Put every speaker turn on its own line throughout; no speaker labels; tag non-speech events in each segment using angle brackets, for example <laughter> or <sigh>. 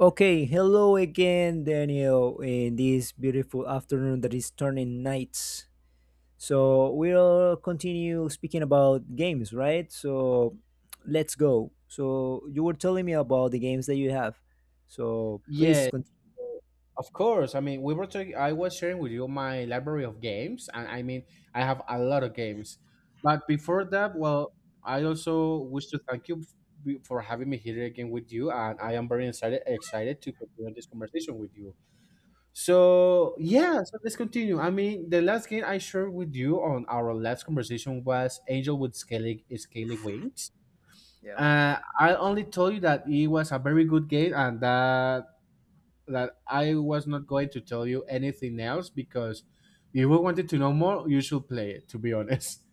Okay, hello again, Daniel, in this beautiful afternoon that is turning nights. So we'll continue speaking about games, right? So let's go. So you were telling me about the games that you have. So please
Yeah,
continue.
of course. I mean, we were talking. I was sharing with you my library of games, and I mean, I have a lot of games. But before that, well, I also wish to thank you for having me here again with you, and I am very excited to continue this conversation with you. So yeah, so let's continue. I mean, the last game I shared with you on our last conversation was Angel with Scaly Wings.
Yeah.
I only told you that it was a very good game and that I was not going to tell you anything else because if you wanted to know more, you should play it. To be honest. <laughs>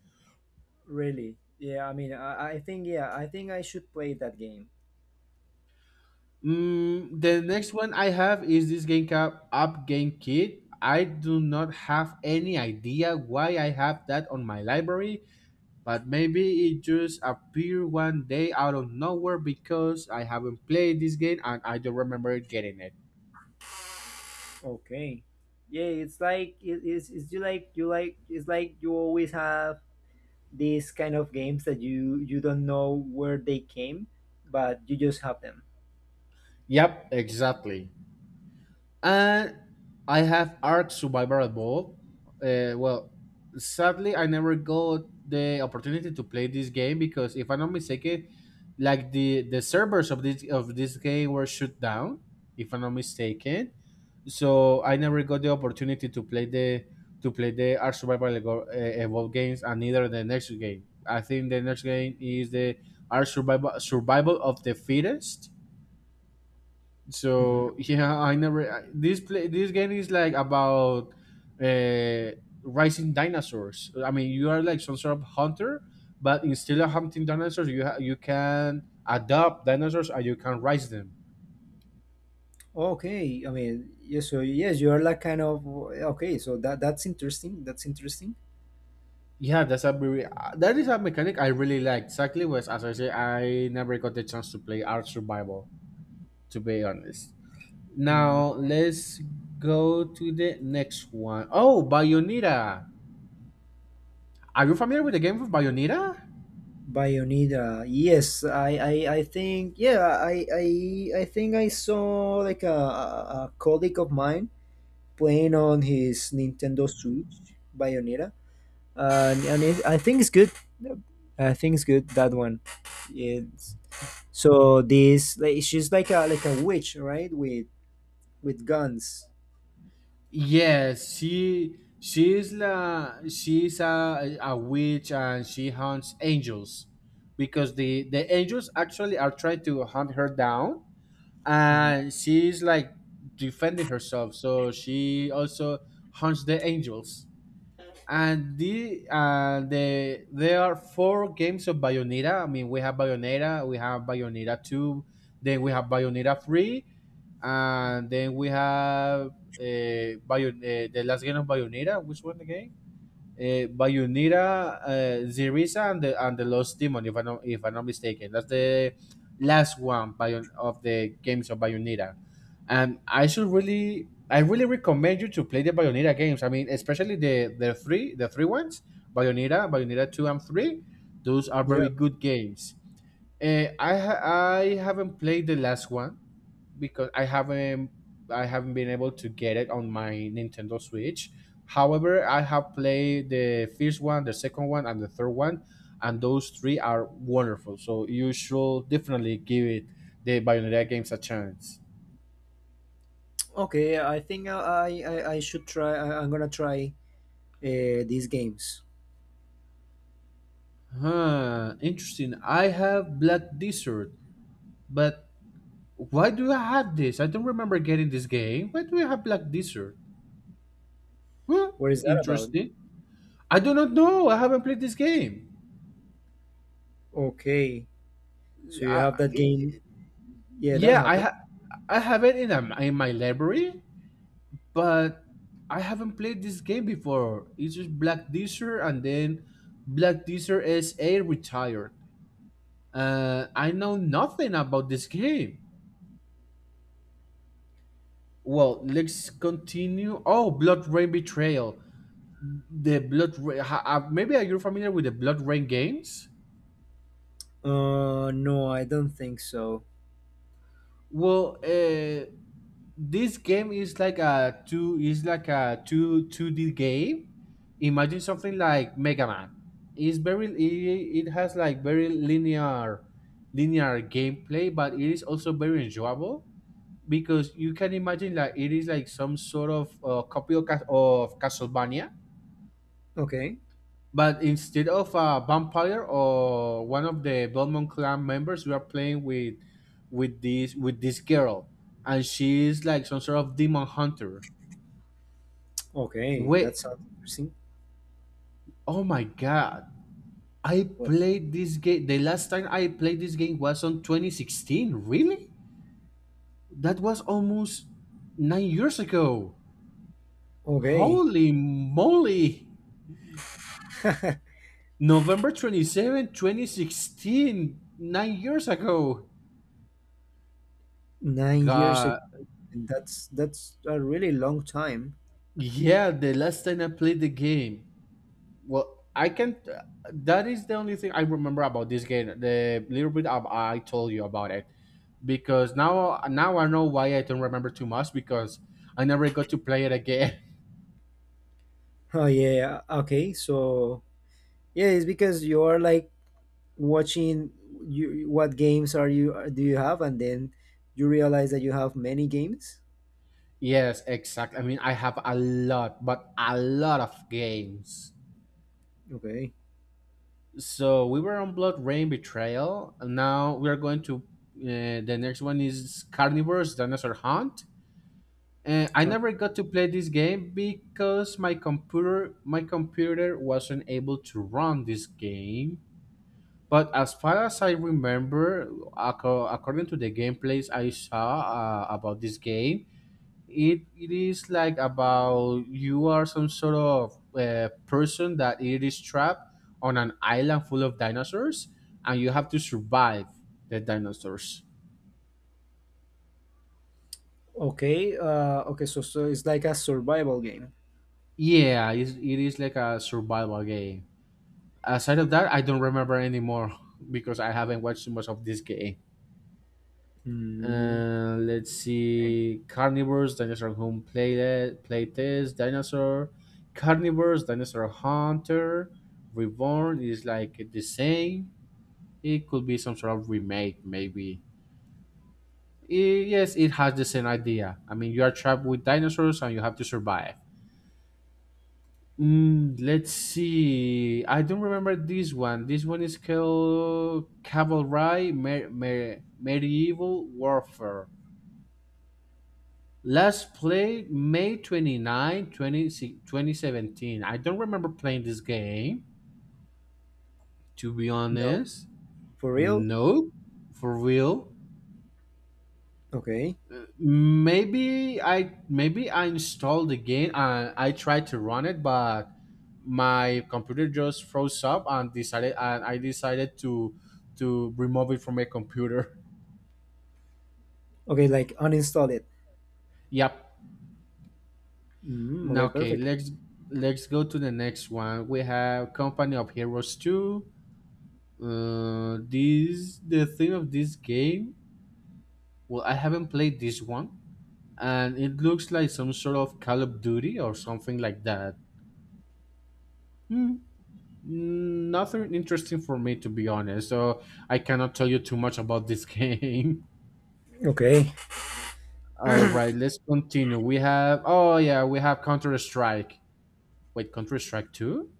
Really? Yeah, I mean, I think yeah, I think I should play that game.
The next one I have is this game called Up Game Kit. I do not have any idea why I have that on my library, but maybe it just appeared one day out of nowhere because I haven't played this game and I don't remember getting it.
Okay. Yeah, it's like it is. It's you like it's like you always have these kind of games that you don't know where they came, but you just have them.
Yep, exactly. And I have Ark Survival Evolved. Well, sadly, I never got the opportunity to play this game because, if I'm not mistaken, like the servers of this game were shut down, if I'm not mistaken. So I never got the opportunity to play the Ark Survival Evolved games, and neither the next game. I think the next game is the Ark Survival of the Fittest.
Mhm.
So yeah, I never I- this play this game is like about uh rising dinosaurs. I mean, you are like some sort of hunter, but instead of hunting dinosaurs, you can adopt dinosaurs and you can raise them.
Okay, I mean, yes, so yes, you are like kind of okay. So that's interesting. That's interesting.
Yeah, that's a very that is a mechanic I really like. Exactly, was as I say, I never got the chance to play Art Survival. To be honest,
Mm.
now let's go to the next one. Oh, Bayonetta. Are you familiar with the game of Bayonetta?
Bionida, yes, I think yeah, I I think I saw like a colleague of mine playing on his Nintendo Switch Bionida, and it, I think it's good. I think it's good that one. It's so this like she's like a witch, right? With guns.
Yes, she's a witch and she hunts angels because the angels actually are trying to hunt her down,
Hmm.
and she's like defending herself. So she also hunts the angels, and there are four games of Bayonetta. I mean, we have Bayonetta two, then we have Bayonetta three, and then we have the last game of Bayonetta. Which one again? Bayonetta, Zerisa, and the Lost Demon. If I'm not mistaken, that's the last one Bayon of the games of Bayonetta. And I really recommend you to play the Bayonetta games. I mean, especially the three ones, Bayonetta, Bayonetta two and three. Those are very
Yeah.
good games. I haven't played the last one because I haven't been able to get it on my Nintendo Switch. However, I have played the first one, the second one, and the third one, and those three are wonderful. So you should definitely give it the Bayonetta games a chance.
Okay. I think I should try. I'm gonna try these games.
Huh, interesting. I have Black Desert, but why do I have this? I don't remember getting this game. Why do I have Black Desert? Well,
What is that about?
interesting. I do not know. I haven't played this game.
Okay. So you
I,
have that game. Yeah, that
Yeah,
happened.
I have it in my library, but I haven't played this game before. It's just Black Desert and then Black Desert SA retired. I know nothing about this game. Well, let's continue. Oh, Blood Rain Betrayal. The Blood Rain. Maybe are you familiar with the Blood Rain games?
No, I don't think so.
Well, this game is like a two is like a two 2D game. Imagine something like Mega Man. It has like very linear gameplay, but it is also very enjoyable because you can imagine like it is like some sort of copy of, Castlevania,
Okay.
but instead of a vampire or one of the Belmont clan members, we are playing with with this girl, and she is like some sort of demon hunter.
Okay,
Wait,
that sounds interesting.
oh my god. I
What?
played this game. The last time I played this game was on 2016. Really? That was almost 9 years ago.
Okay.
Holy moly.
<laughs>
November 27, 2016. 9 years ago.
9 years
God.
ago. That's a really long time.
Yeah, the last time I played the game. Well, I can. That is the only thing I remember about this game. The little bit of I told you about it. Because now I know why I don't remember too much because I never got to play it again.
Oh yeah. Yeah. Okay. So yeah, it's because you are like watching you what games are you are- do you have, and then you realize that you have many games.
<laughs> Yes, exact. I mean, I have a lot, but a lot of games.
Okay.
So we were on Blood Rain Betrayal. And now we are going to the next one is Carnivore's Dinosaur Hunt. And I
Can't-
never got to play this game because my computer wasn't able to run this game. But as far as I remember, according to the gameplays I saw about this game, it is like about you are some sort of person that it is trapped on an island full of dinosaurs, and you have to survive the dinosaurs.
Okay. Okay. So so it's like a survival game.
Yeah, it is like a survival game. Aside of that, I don't remember anymore <laughs> because I haven't watched too much of this game.
Mm,
And let's see carnivores, dinosaur home play, Playtest, dinosaur, carnivores, dinosaur hunter, reborn is like the same. It could be some sort of remake, maybe. Yes, it has the same idea. I mean, you are trapped with dinosaurs and you have to survive. Let's see. I don't remember this one. This one is called Cavalry Medieval Warfare. Last played May 29, 2017. I don't remember playing this game, to be
no,
honest.
for real.
Nope, for real.
Okay.
Maybe I installed the game and I tried to run it, but my computer just froze up and decided and I decided to remove it from my computer. <laughs>
Okay. Like uninstall it.
Yep.
Mm,
Now
okay.
okay,
Perfect.
let's go to the next one. We have Company of Heroes 2. This the thing of this game. Well, I haven't played this one, and it looks like some sort of Call of Duty or something like that. Hmm, nothing interesting for me, to be honest. So I cannot tell you too much about this <laughs> game.
Okay.
All right, let's continue. We have oh yeah, we have Counter Strike. Wait, Counter Strike Two?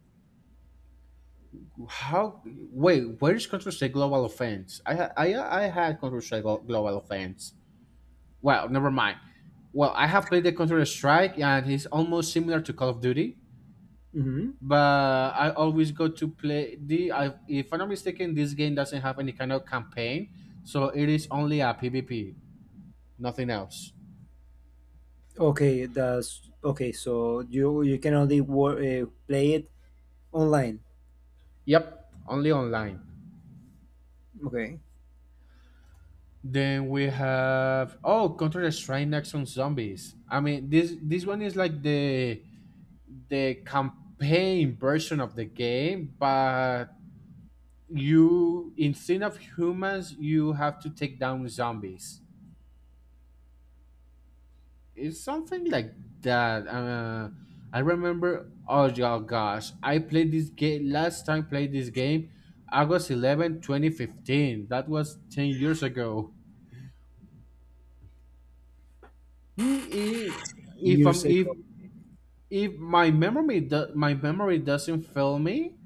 How? Wait, where is Counter Strike Global Offense? I I had Counter Strike Global Offense. Well, never mind. Well, I have played the Counter Strike, and it's almost similar to Call of Duty.
Hmm.
But I always go to play if I'm not mistaken, this game doesn't have any kind of campaign, so it is only a PvP, nothing else.
Okay. That's okay. So you can only play it online.
Yep, only online.
Okay.
Then we have oh Counter Strike Next on Zombies. I mean this one is like the campaign version of the game, but you instead of humans you have to take down zombies. It's something like that. I remember oh yeah, gosh, I played this game last time played this game august 11 2015. That was 10 years ago. Hmm, I- if I'm
Years ago.
if my memory doesn't fail me,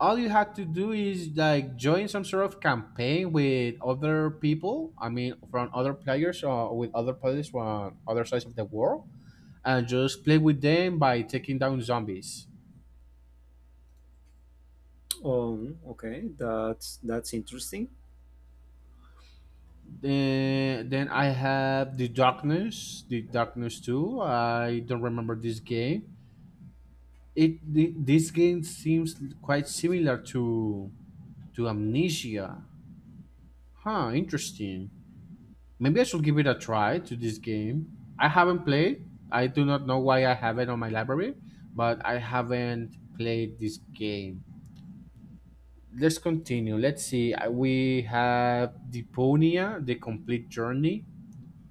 all you had to do is like join some sort of campaign with other people, I mean from other players or with other players from other sides of the world, and just play with them by taking down zombies.
Oh, okay. That's interesting.
Then, I have the Darkness 2. I don't remember this game. This game seems quite similar to Amnesia. Huh, interesting. Maybe I should give it a try to this game. I haven't played. I do not know why I have it on my library, but I haven't played this game. Let's continue. Let's see. We have Deponia, the complete journey.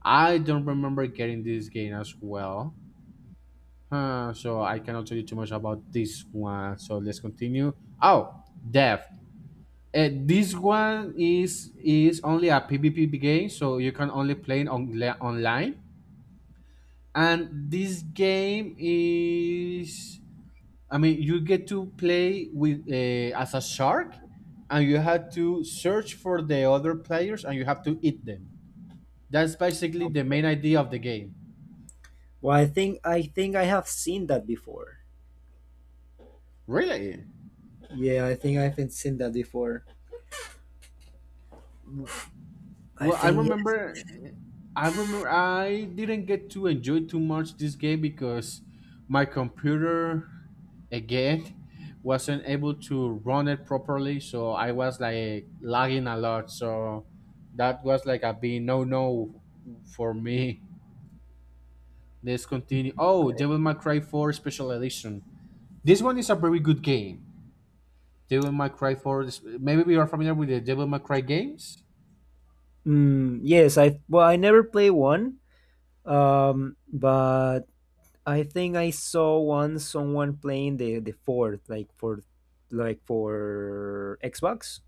I don't remember getting this game as well. Huh, so I cannot tell you too much about this one. So let's continue. Oh, Death. This one is only a PvP game, so you can only play it on, online. And this game is, I mean, you get to play with as a shark, and you have to search for the other players and you have to eat them. That's basically the main idea of the game.
Well, I think I think I have seen that before.
Really?
Yeah, I think I haven't seen that before. I
well i
think yes.
remember i remember I didn't get to enjoy too much this game because my computer, again, wasn't able to run it properly, so I was like lagging a lot. So that was like a big no no for me. Let's continue. Oh, Devil May Cry 4 Special Edition. This one is a very good game. devil may cry 4 is- Maybe you are familiar with the Devil May Cry games.
Mm, yes, I well I never play one. But I think I saw one someone playing the fourth like for Xbox.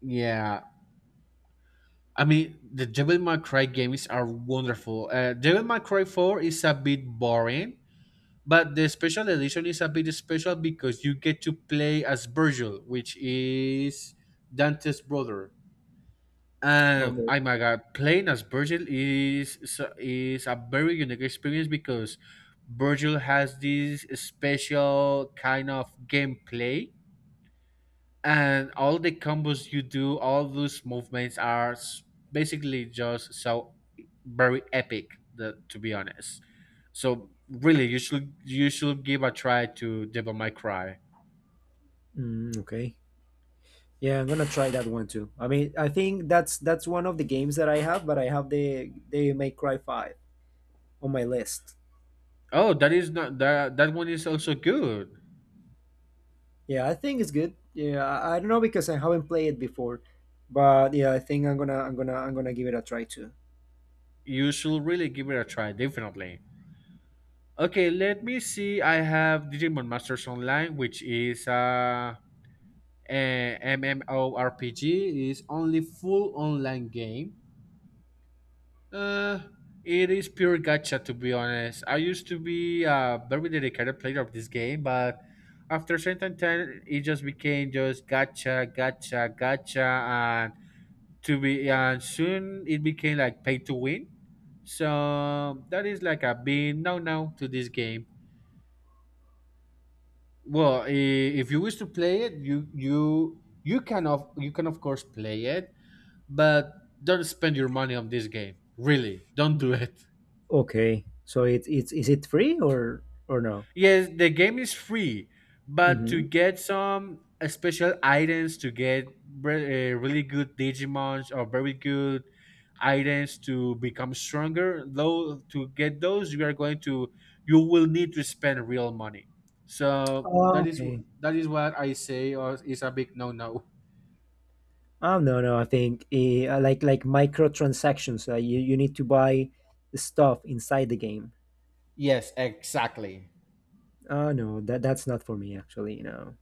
Yeah, I mean the Devil May Cry games are wonderful. Devil May Cry 4 is a bit boring. But the special edition is a bit special because you get to play as Virgil, which is Dante's brother.
Okay.
Oh my god, playing as is a very unique experience because Virgil has this special kind of gameplay, and all the combos you do, all those movements are basically just so very epic. The, to be honest. So really, you should give a try to Devil May Cry.
Mm, okay. Yeah, I'm gonna try that one too. I mean, I think that's one of the games that I have, but I have the May Cry Five on my list.
Oh, that is not that one is also good.
Yeah, I think it's good. Yeah, I don't know because I haven't played it before, but yeah, I think I'm gonna give it a try too.
You should really give it a try, definitely. Okay, let me see. I have Digimon Masters Online, which is a MMORPG. It is only full online game. Uh, it is pure gacha, to be honest. I used to be a very dedicated player of this game, but after a certain time, it just became just gacha, gacha, gacha, and to be and soon it became like pay to win. So that is like a big no no to this game. Well, if you wish to play it, you can of course play it, but don't spend your money on this game. Really, don't do it.
Okay, so it's is it free or no?
Yes, the game is free, but to
Mm-hmm.
get some special items, to get really good Digimons or very good items to become stronger, though to get those you are going to you will need to spend real money. So
Oh, okay.
that is what I say or is a big no no.
Oh no no, I think like microtransactions. You you need to buy stuff inside the game.
Yes, exactly.
Oh no, that that's not for me actually. No.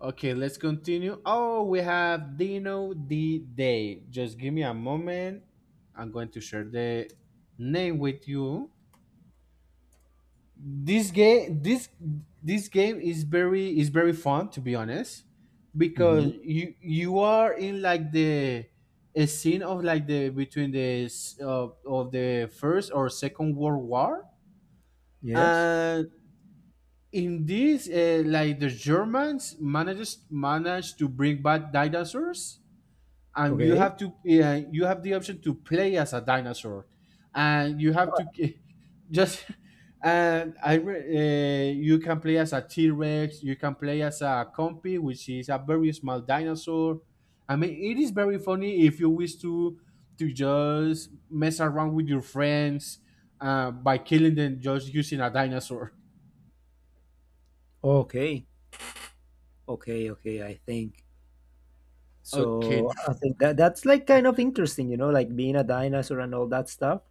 Okay, let's continue. Oh, we have Dino D Day. Just give me a moment. I'm going to share the name with you. This game this this game is very fun, to be honest, because
Mm-hmm.
you are in like the a scene of like the between the of the first or second world war.
Yes.
And in this like the Germans managed to bring back dinosaurs, and you
Okay.
have to you have the option to play as a dinosaur and you have to <laughs> just and i re- you can play as a T-rex, you can play as a compy, which is a very small dinosaur. I mean, it is very funny if you wish to just mess around with your friends by killing them just using a dinosaur.
Okay. Okay. Okay. I think. So
Okay.
I think that that's like kind of interesting, you know, like being a dinosaur and all that stuff.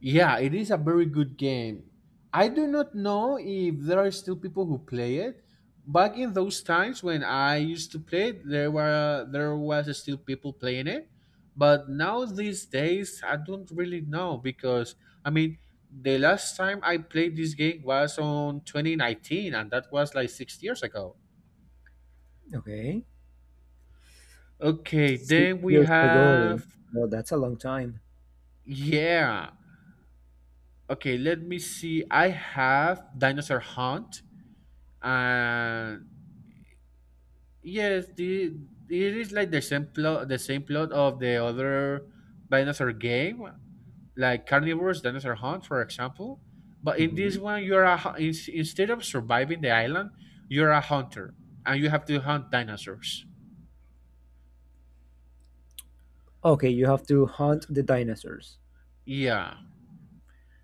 Yeah, it is a very good game. I do not know if there are still people who play it. Back in those times when I used to play it, there was still people playing it. But now these days, I don't really know because I mean, the last time I played this game was on 2019, and that was like 6 years ago.
Okay.
Okay,
Six
then we
years ago.
have
Well, that's a long time.
yeah. Okay, let me see. I have Dinosaur Hunt, and yes, the it is like the same plot of the other dinosaur game, like Carnivore's Dinosaur Hunt, for example. But in this
Hmm.
one, you're a instead of surviving the island, you're a hunter, and you have to hunt dinosaurs.
Okay, you have to hunt the dinosaurs.
Yeah.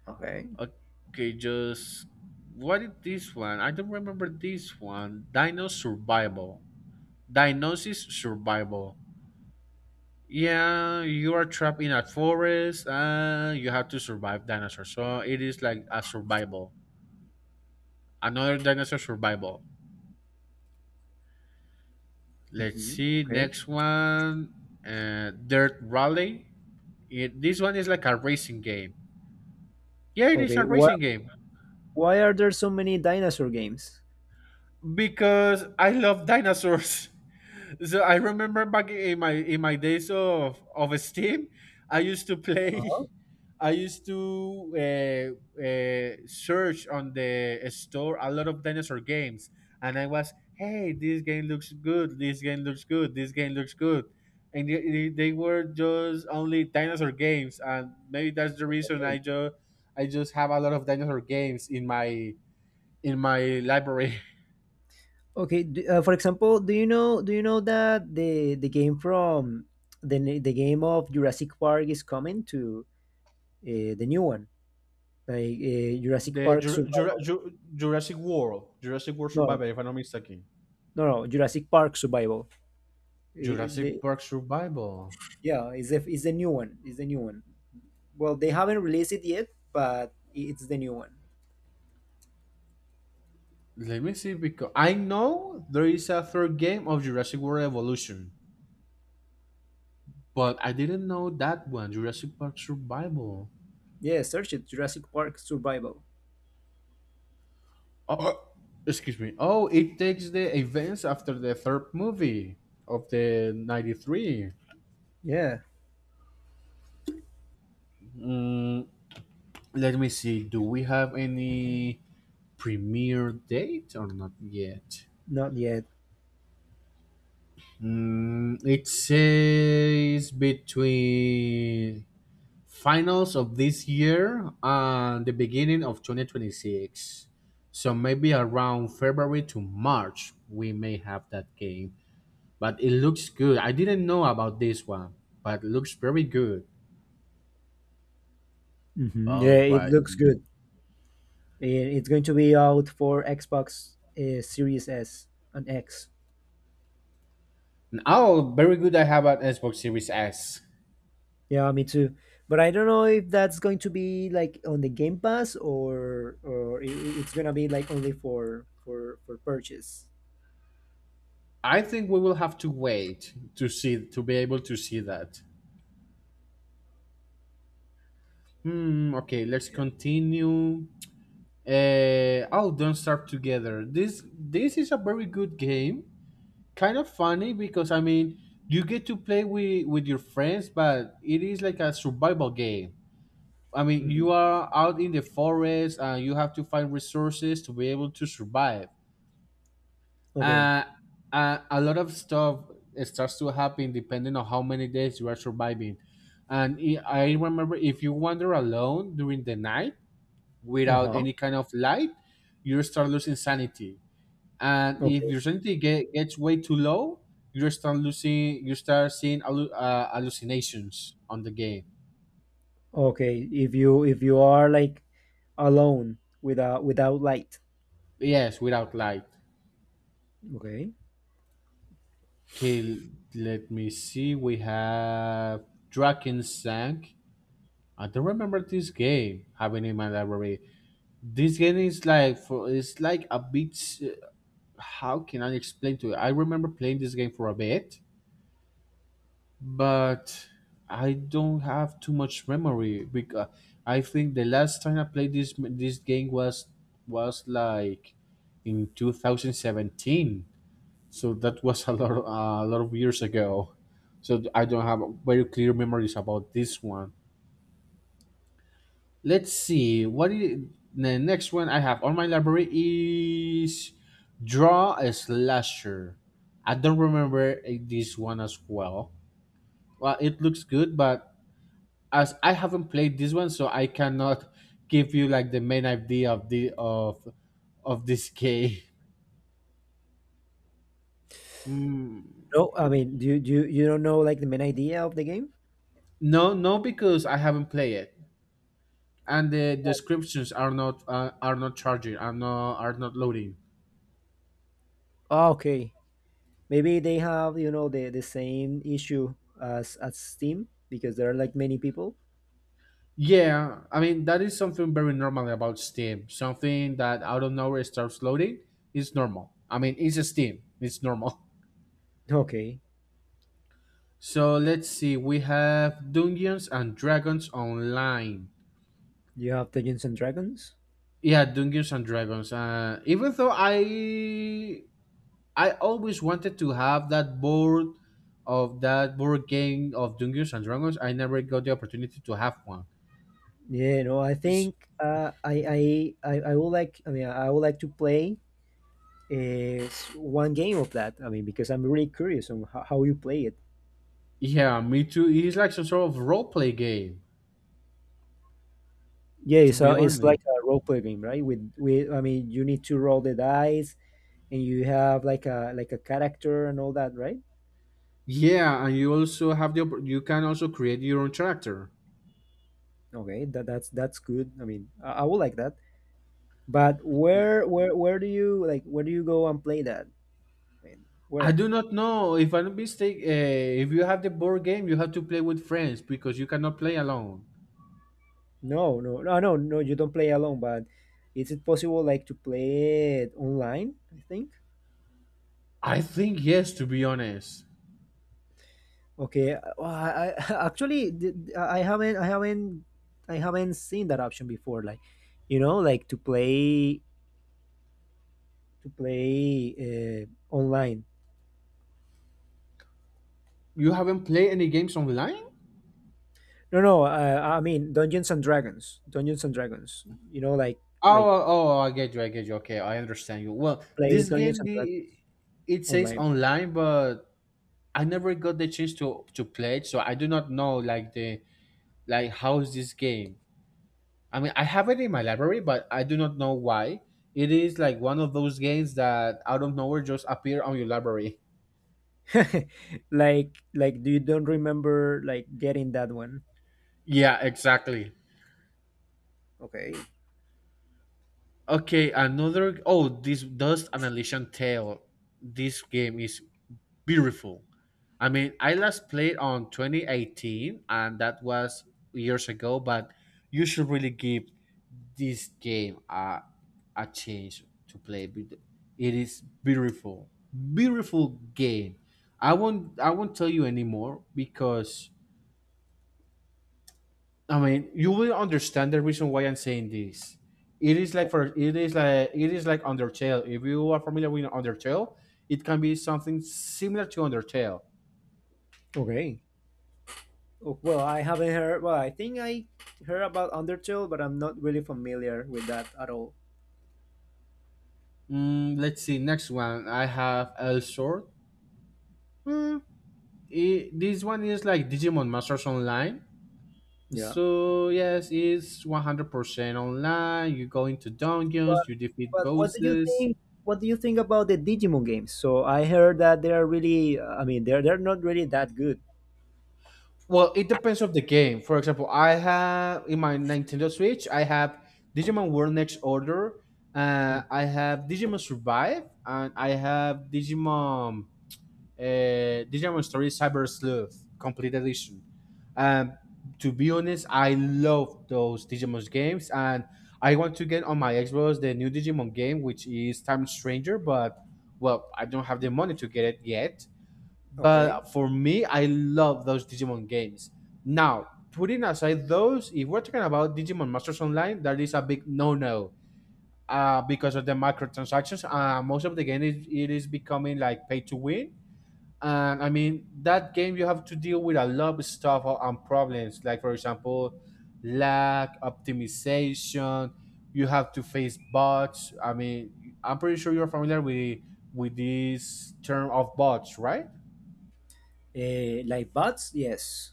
Okay.
Okay, just what is this one? I don't remember this one. Dino Survival. Dinosis Survival. Yeah, you are trapped in a forest and you have to survive dinosaurs. So it is like a survival. Another dinosaur survival. Let's
Hmm.
see,
Okay.
next one. Dirt Rally. This one is like a racing game. Yeah, it is a
Okay.
racing game
Why are there so many dinosaur games?
because I love dinosaurs. <laughs> So I remember back in my days of Steam, I used to play.
Uh-huh.
<laughs> I used to search on the store a lot of dinosaur games, and I was, hey, this game looks good. This game looks good. This game looks good, and they were just only dinosaur games, and maybe that's the reason
Okay.
I just have a lot of dinosaur games in my library.
Okay. d For example, do you know that the game from the game of Jurassic Park is coming to the new one? Like Jurassic
The
Park Survival.
Jurassic World, Jurassic World
No,
Survival, if I'm not mistaken.
no, no, Jurassic Park Survival. I-
Jurassic
the,
Park Survival.
yeah, it's the new one. It's the new one. Well, they haven't released it yet, but it's the new one.
Let me see, because I know there is a third game of Jurassic World Evolution, but I didn't know that one. Jurassic Park Survival.
Yeah, search it Jurassic Park Survival.
Oh, <clears throat> excuse me. Oh, it takes the events after the third movie of the '93.
Yeah,
Mm, let me see. Do we have any premiere date or not yet?
not yet.
Mm, it says between finals of this year and the beginning of 2026. So maybe around February to March, we may have that game. But it looks good. I didn't know about this one, but it looks very good.
Hmm.
All
Yeah, it
right.
looks good. I- It's going to be out for Xbox Series S and X.
Oh, very good. I have an Xbox Series S.
Yeah, me too. But I don't know if that's going to be like on the Game Pass or it's gonna be like only for for purchase.
I think we will have to wait to see to be able to see that. Hmm. Okay. Let's
Yeah.
continue. Oh, Don't Starve Together. This is a very good game. Kind of funny because I mean you get to play with your friends, but it is like a survival game. I mean you
Hmm.
are out in the forest and you have to find resources to be able to survive.
Okay.
Uh, a lot of stuff starts to happen depending on how many days you are surviving. And I remember if you wander alone during the night
Uh
without
huh.
any kind of light, you start losing sanity, and
Oh,
if
okay.
your sanity gets way too low, you start losing you start seeing hallucinations on the game.
Okay. If you are like alone without without light.
Yes, without light.
Okay.
Okay, let me see. We have Drakensang. I don't remember this game having in my library. This game is like for it's like a bit uh, how can I explain to you. I remember playing this game for a bit, but I don't have too much memory because I think the last time I played this game was like in 2017. So that was a lot of years ago. So I don't have very clear memories about this one. Let's see what is, the next one I have on my library is Draw a Slasher. I don't remember this one as well. Well, it looks good, but as I haven't played this one, so I cannot give you like the main idea of the of this game. Mm,
No, I mean, do you you don't know like the main idea of the game?
no, no, because I haven't played it, and the descriptions are not charging, are not loading.
Ah, okay. Maybe they have you know the same issue as Steam because there are like many people.
Yeah, I mean that is something very normal about Steam. Something that out of nowhere starts loading is normal. I mean it's a Steam, it's normal. <laughs>
Okay.
So let's see, we have Dungeons and Dragons Online.
You have Dungeons and Dragons.
Yeah, Dungeons and Dragons. Even though I always wanted to have that board game of Dungeons and Dragons, I never got the opportunity to have one.
Yeah, no, I
S-
think I would like. I mean, I would like to play uh, one game of that. I mean, because I'm really curious on how you play it.
Yeah, me too. It's like some sort of role play game,
Yeah,
to be
so it's
honest.
like a role play game, right? With I mean, you need to roll the dice, and you have like a character and all that, right?
Yeah, and you also have the you can also create your own character.
Okay, that that's good. I mean, I would like that. But where do you like where do you go and play that? I mean,
I
where?
do not know if I'm not mistaken. If you have the board game, you have to play with friends because you cannot play alone.
No, no, no, no, no. You don't play alone, but is it possible like to play it online? I think.
I think yes, to be honest.
Okay. Well, I <laughs> I haven't I haven't seen that option before. Like, you know, like to play online.
You haven't played any games online?
No, no. I mean Dungeons and Dragons. Dungeons and Dragons. You know, like
Oh, I get you. I get you. Okay, I understand you. Well,
play
this
Dungeons
game,
and
the
Dragons
it says
online.
online, but I never got the chance to play it, so I do not know like the like how is this game. I mean, I have it in my library, but I do not know why. It is like one of those games that out of nowhere just appear on your library. <laughs>
<laughs> Like do you don't remember like getting that one?
Yeah, exactly.
Okay.
Okay, another. Oh, this Dust Annihilation Tale. This game is beautiful. I mean, I last played on 2018, and that was years ago. But you should really give this game a chance to play. With- It is beautiful, beautiful game. I won't tell you anymore because I mean you will understand the reason why I'm saying this. It is like for it is it is like Undertale. If you are familiar with Undertale, it can be something similar to Undertale.
Okay. Oh, well, I haven't heard. Well, I think I heard about Undertale, but I'm not really familiar with that at all.
Mm, let's see. Next one, I have El Sword. Mm, this one is like Digimon Masters Online.
Yeah.
So yes, it's 100% online. You go into
But
dungeons, you defeat
but what do you
bosses.
think? What do you think about the Digimon games? So I heard that they are really. I mean, they're not really that good.
Well, it depends of the game. For example, I have in my Nintendo Switch, I have Digimon World Next Order.
Mm.
I have Digimon Survive, and I have Digimon Digimon Story Cyber Sleuth Complete Edition. Um, to be honest, I love those Digimon games, and I want to get on my Xbox the new Digimon game, which is Time Stranger. But well, I don't have the money to get it yet.
Okay.
But for me, I love those Digimon games. Now, putting aside those, if we're talking about Digimon Masters Online, that is a big no-no because of the microtransactions. Most of the game is it is becoming like pay to win, and I mean, that game you have to deal with a lot of stuff and problems, like for example, lag, optimization. You have to face bots. I mean, I'm pretty sure you're familiar with this term of bots, right?
Like bots, yes.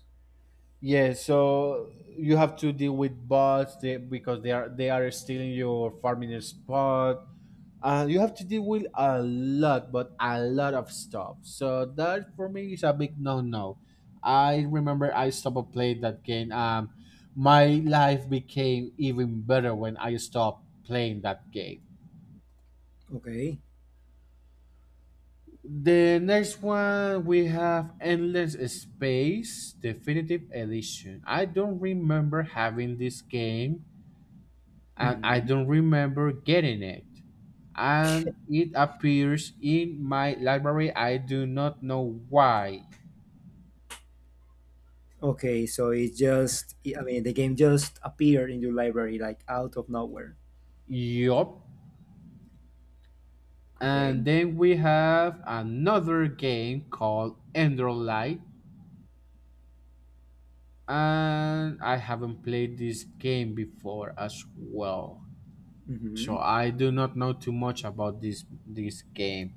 Yeah. So you have to deal with bots because they are stealing your farming spot. Uh, you have to deal with a lot but a lot of stuff, so that for me is a big no no. I remember I stopped playing that game. My life became even better when I stopped playing that game.
Okay.
The next one we have Endless Space Definitive Edition. I don't remember having this game, and I
Hmm.
don't remember getting it. And it appears in my library. I do not know why.
Okay, so it's just. I mean, the game just appeared in your library like out of nowhere.
Yup. And
Okay.
then we have another game called Ender Light, and I haven't played this game before as well.
Hmm.
So I do not know too much about this game.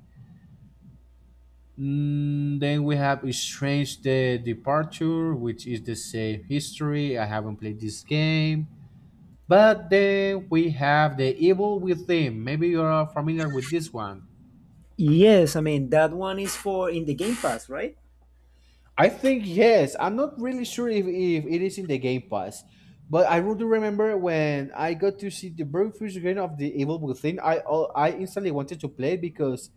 Mm, then we have Strange the Departure, which is the same history. I haven't played this game. But then we have The Evil Within. Maybe you are familiar with this one.
Yes, I mean that one is for in the Game Pass, right?
I think yes. I'm not really sure if it is in the Game Pass, but I do remember when I got to see the very first game of The Evil Within. I I instantly wanted to play it because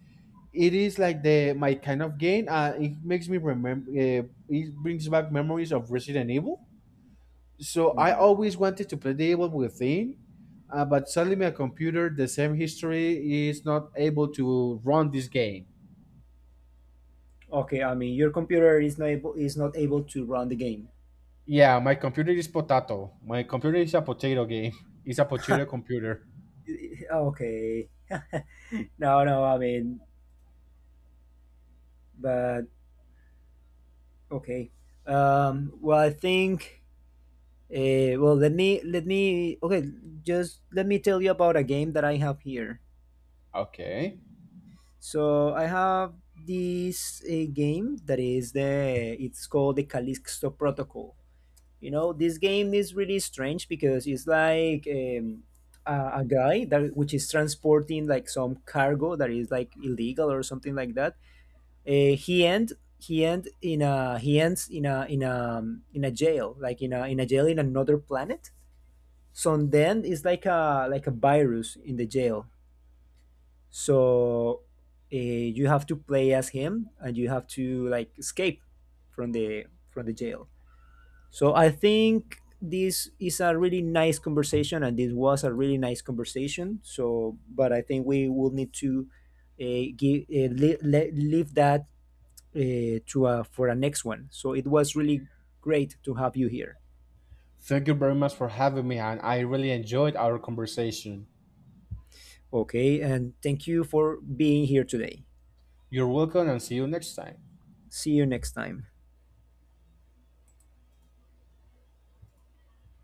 it is like the my kind of game. It makes me remember. It brings back memories of Resident Evil. So I always wanted to play The Evil Within, but sadly my computer, the same history, is not able to run this game.
Okay, I mean your computer is not able to run the game.
Yeah, my computer is potato. My computer is a potato game. <laughs> It's a potato computer.
<laughs> Okay. <laughs> No, no, I mean, but okay. Well, I think. Well, let me okay. Just let me tell you about a game that I have here.
Okay.
So I have this game that is the it's called the Callisto Protocol. You know, this game is really strange because it's like a guy that which is transporting like some cargo that is like illegal or something like that. Uh, he end he ends in a in a jail like in a jail in another planet. So then it's like a virus in the jail. So you have to play as him and you have to like escape from the from the jail. So I think this is a really nice conversation, and this was a really nice conversation. So, but I think we will need to leave that to for a next one. So it was really great to have you here.
Thank you very much for having me, and I really enjoyed our conversation.
Okay, and thank you for being here today.
You're welcome, and see you next time.
See you next time.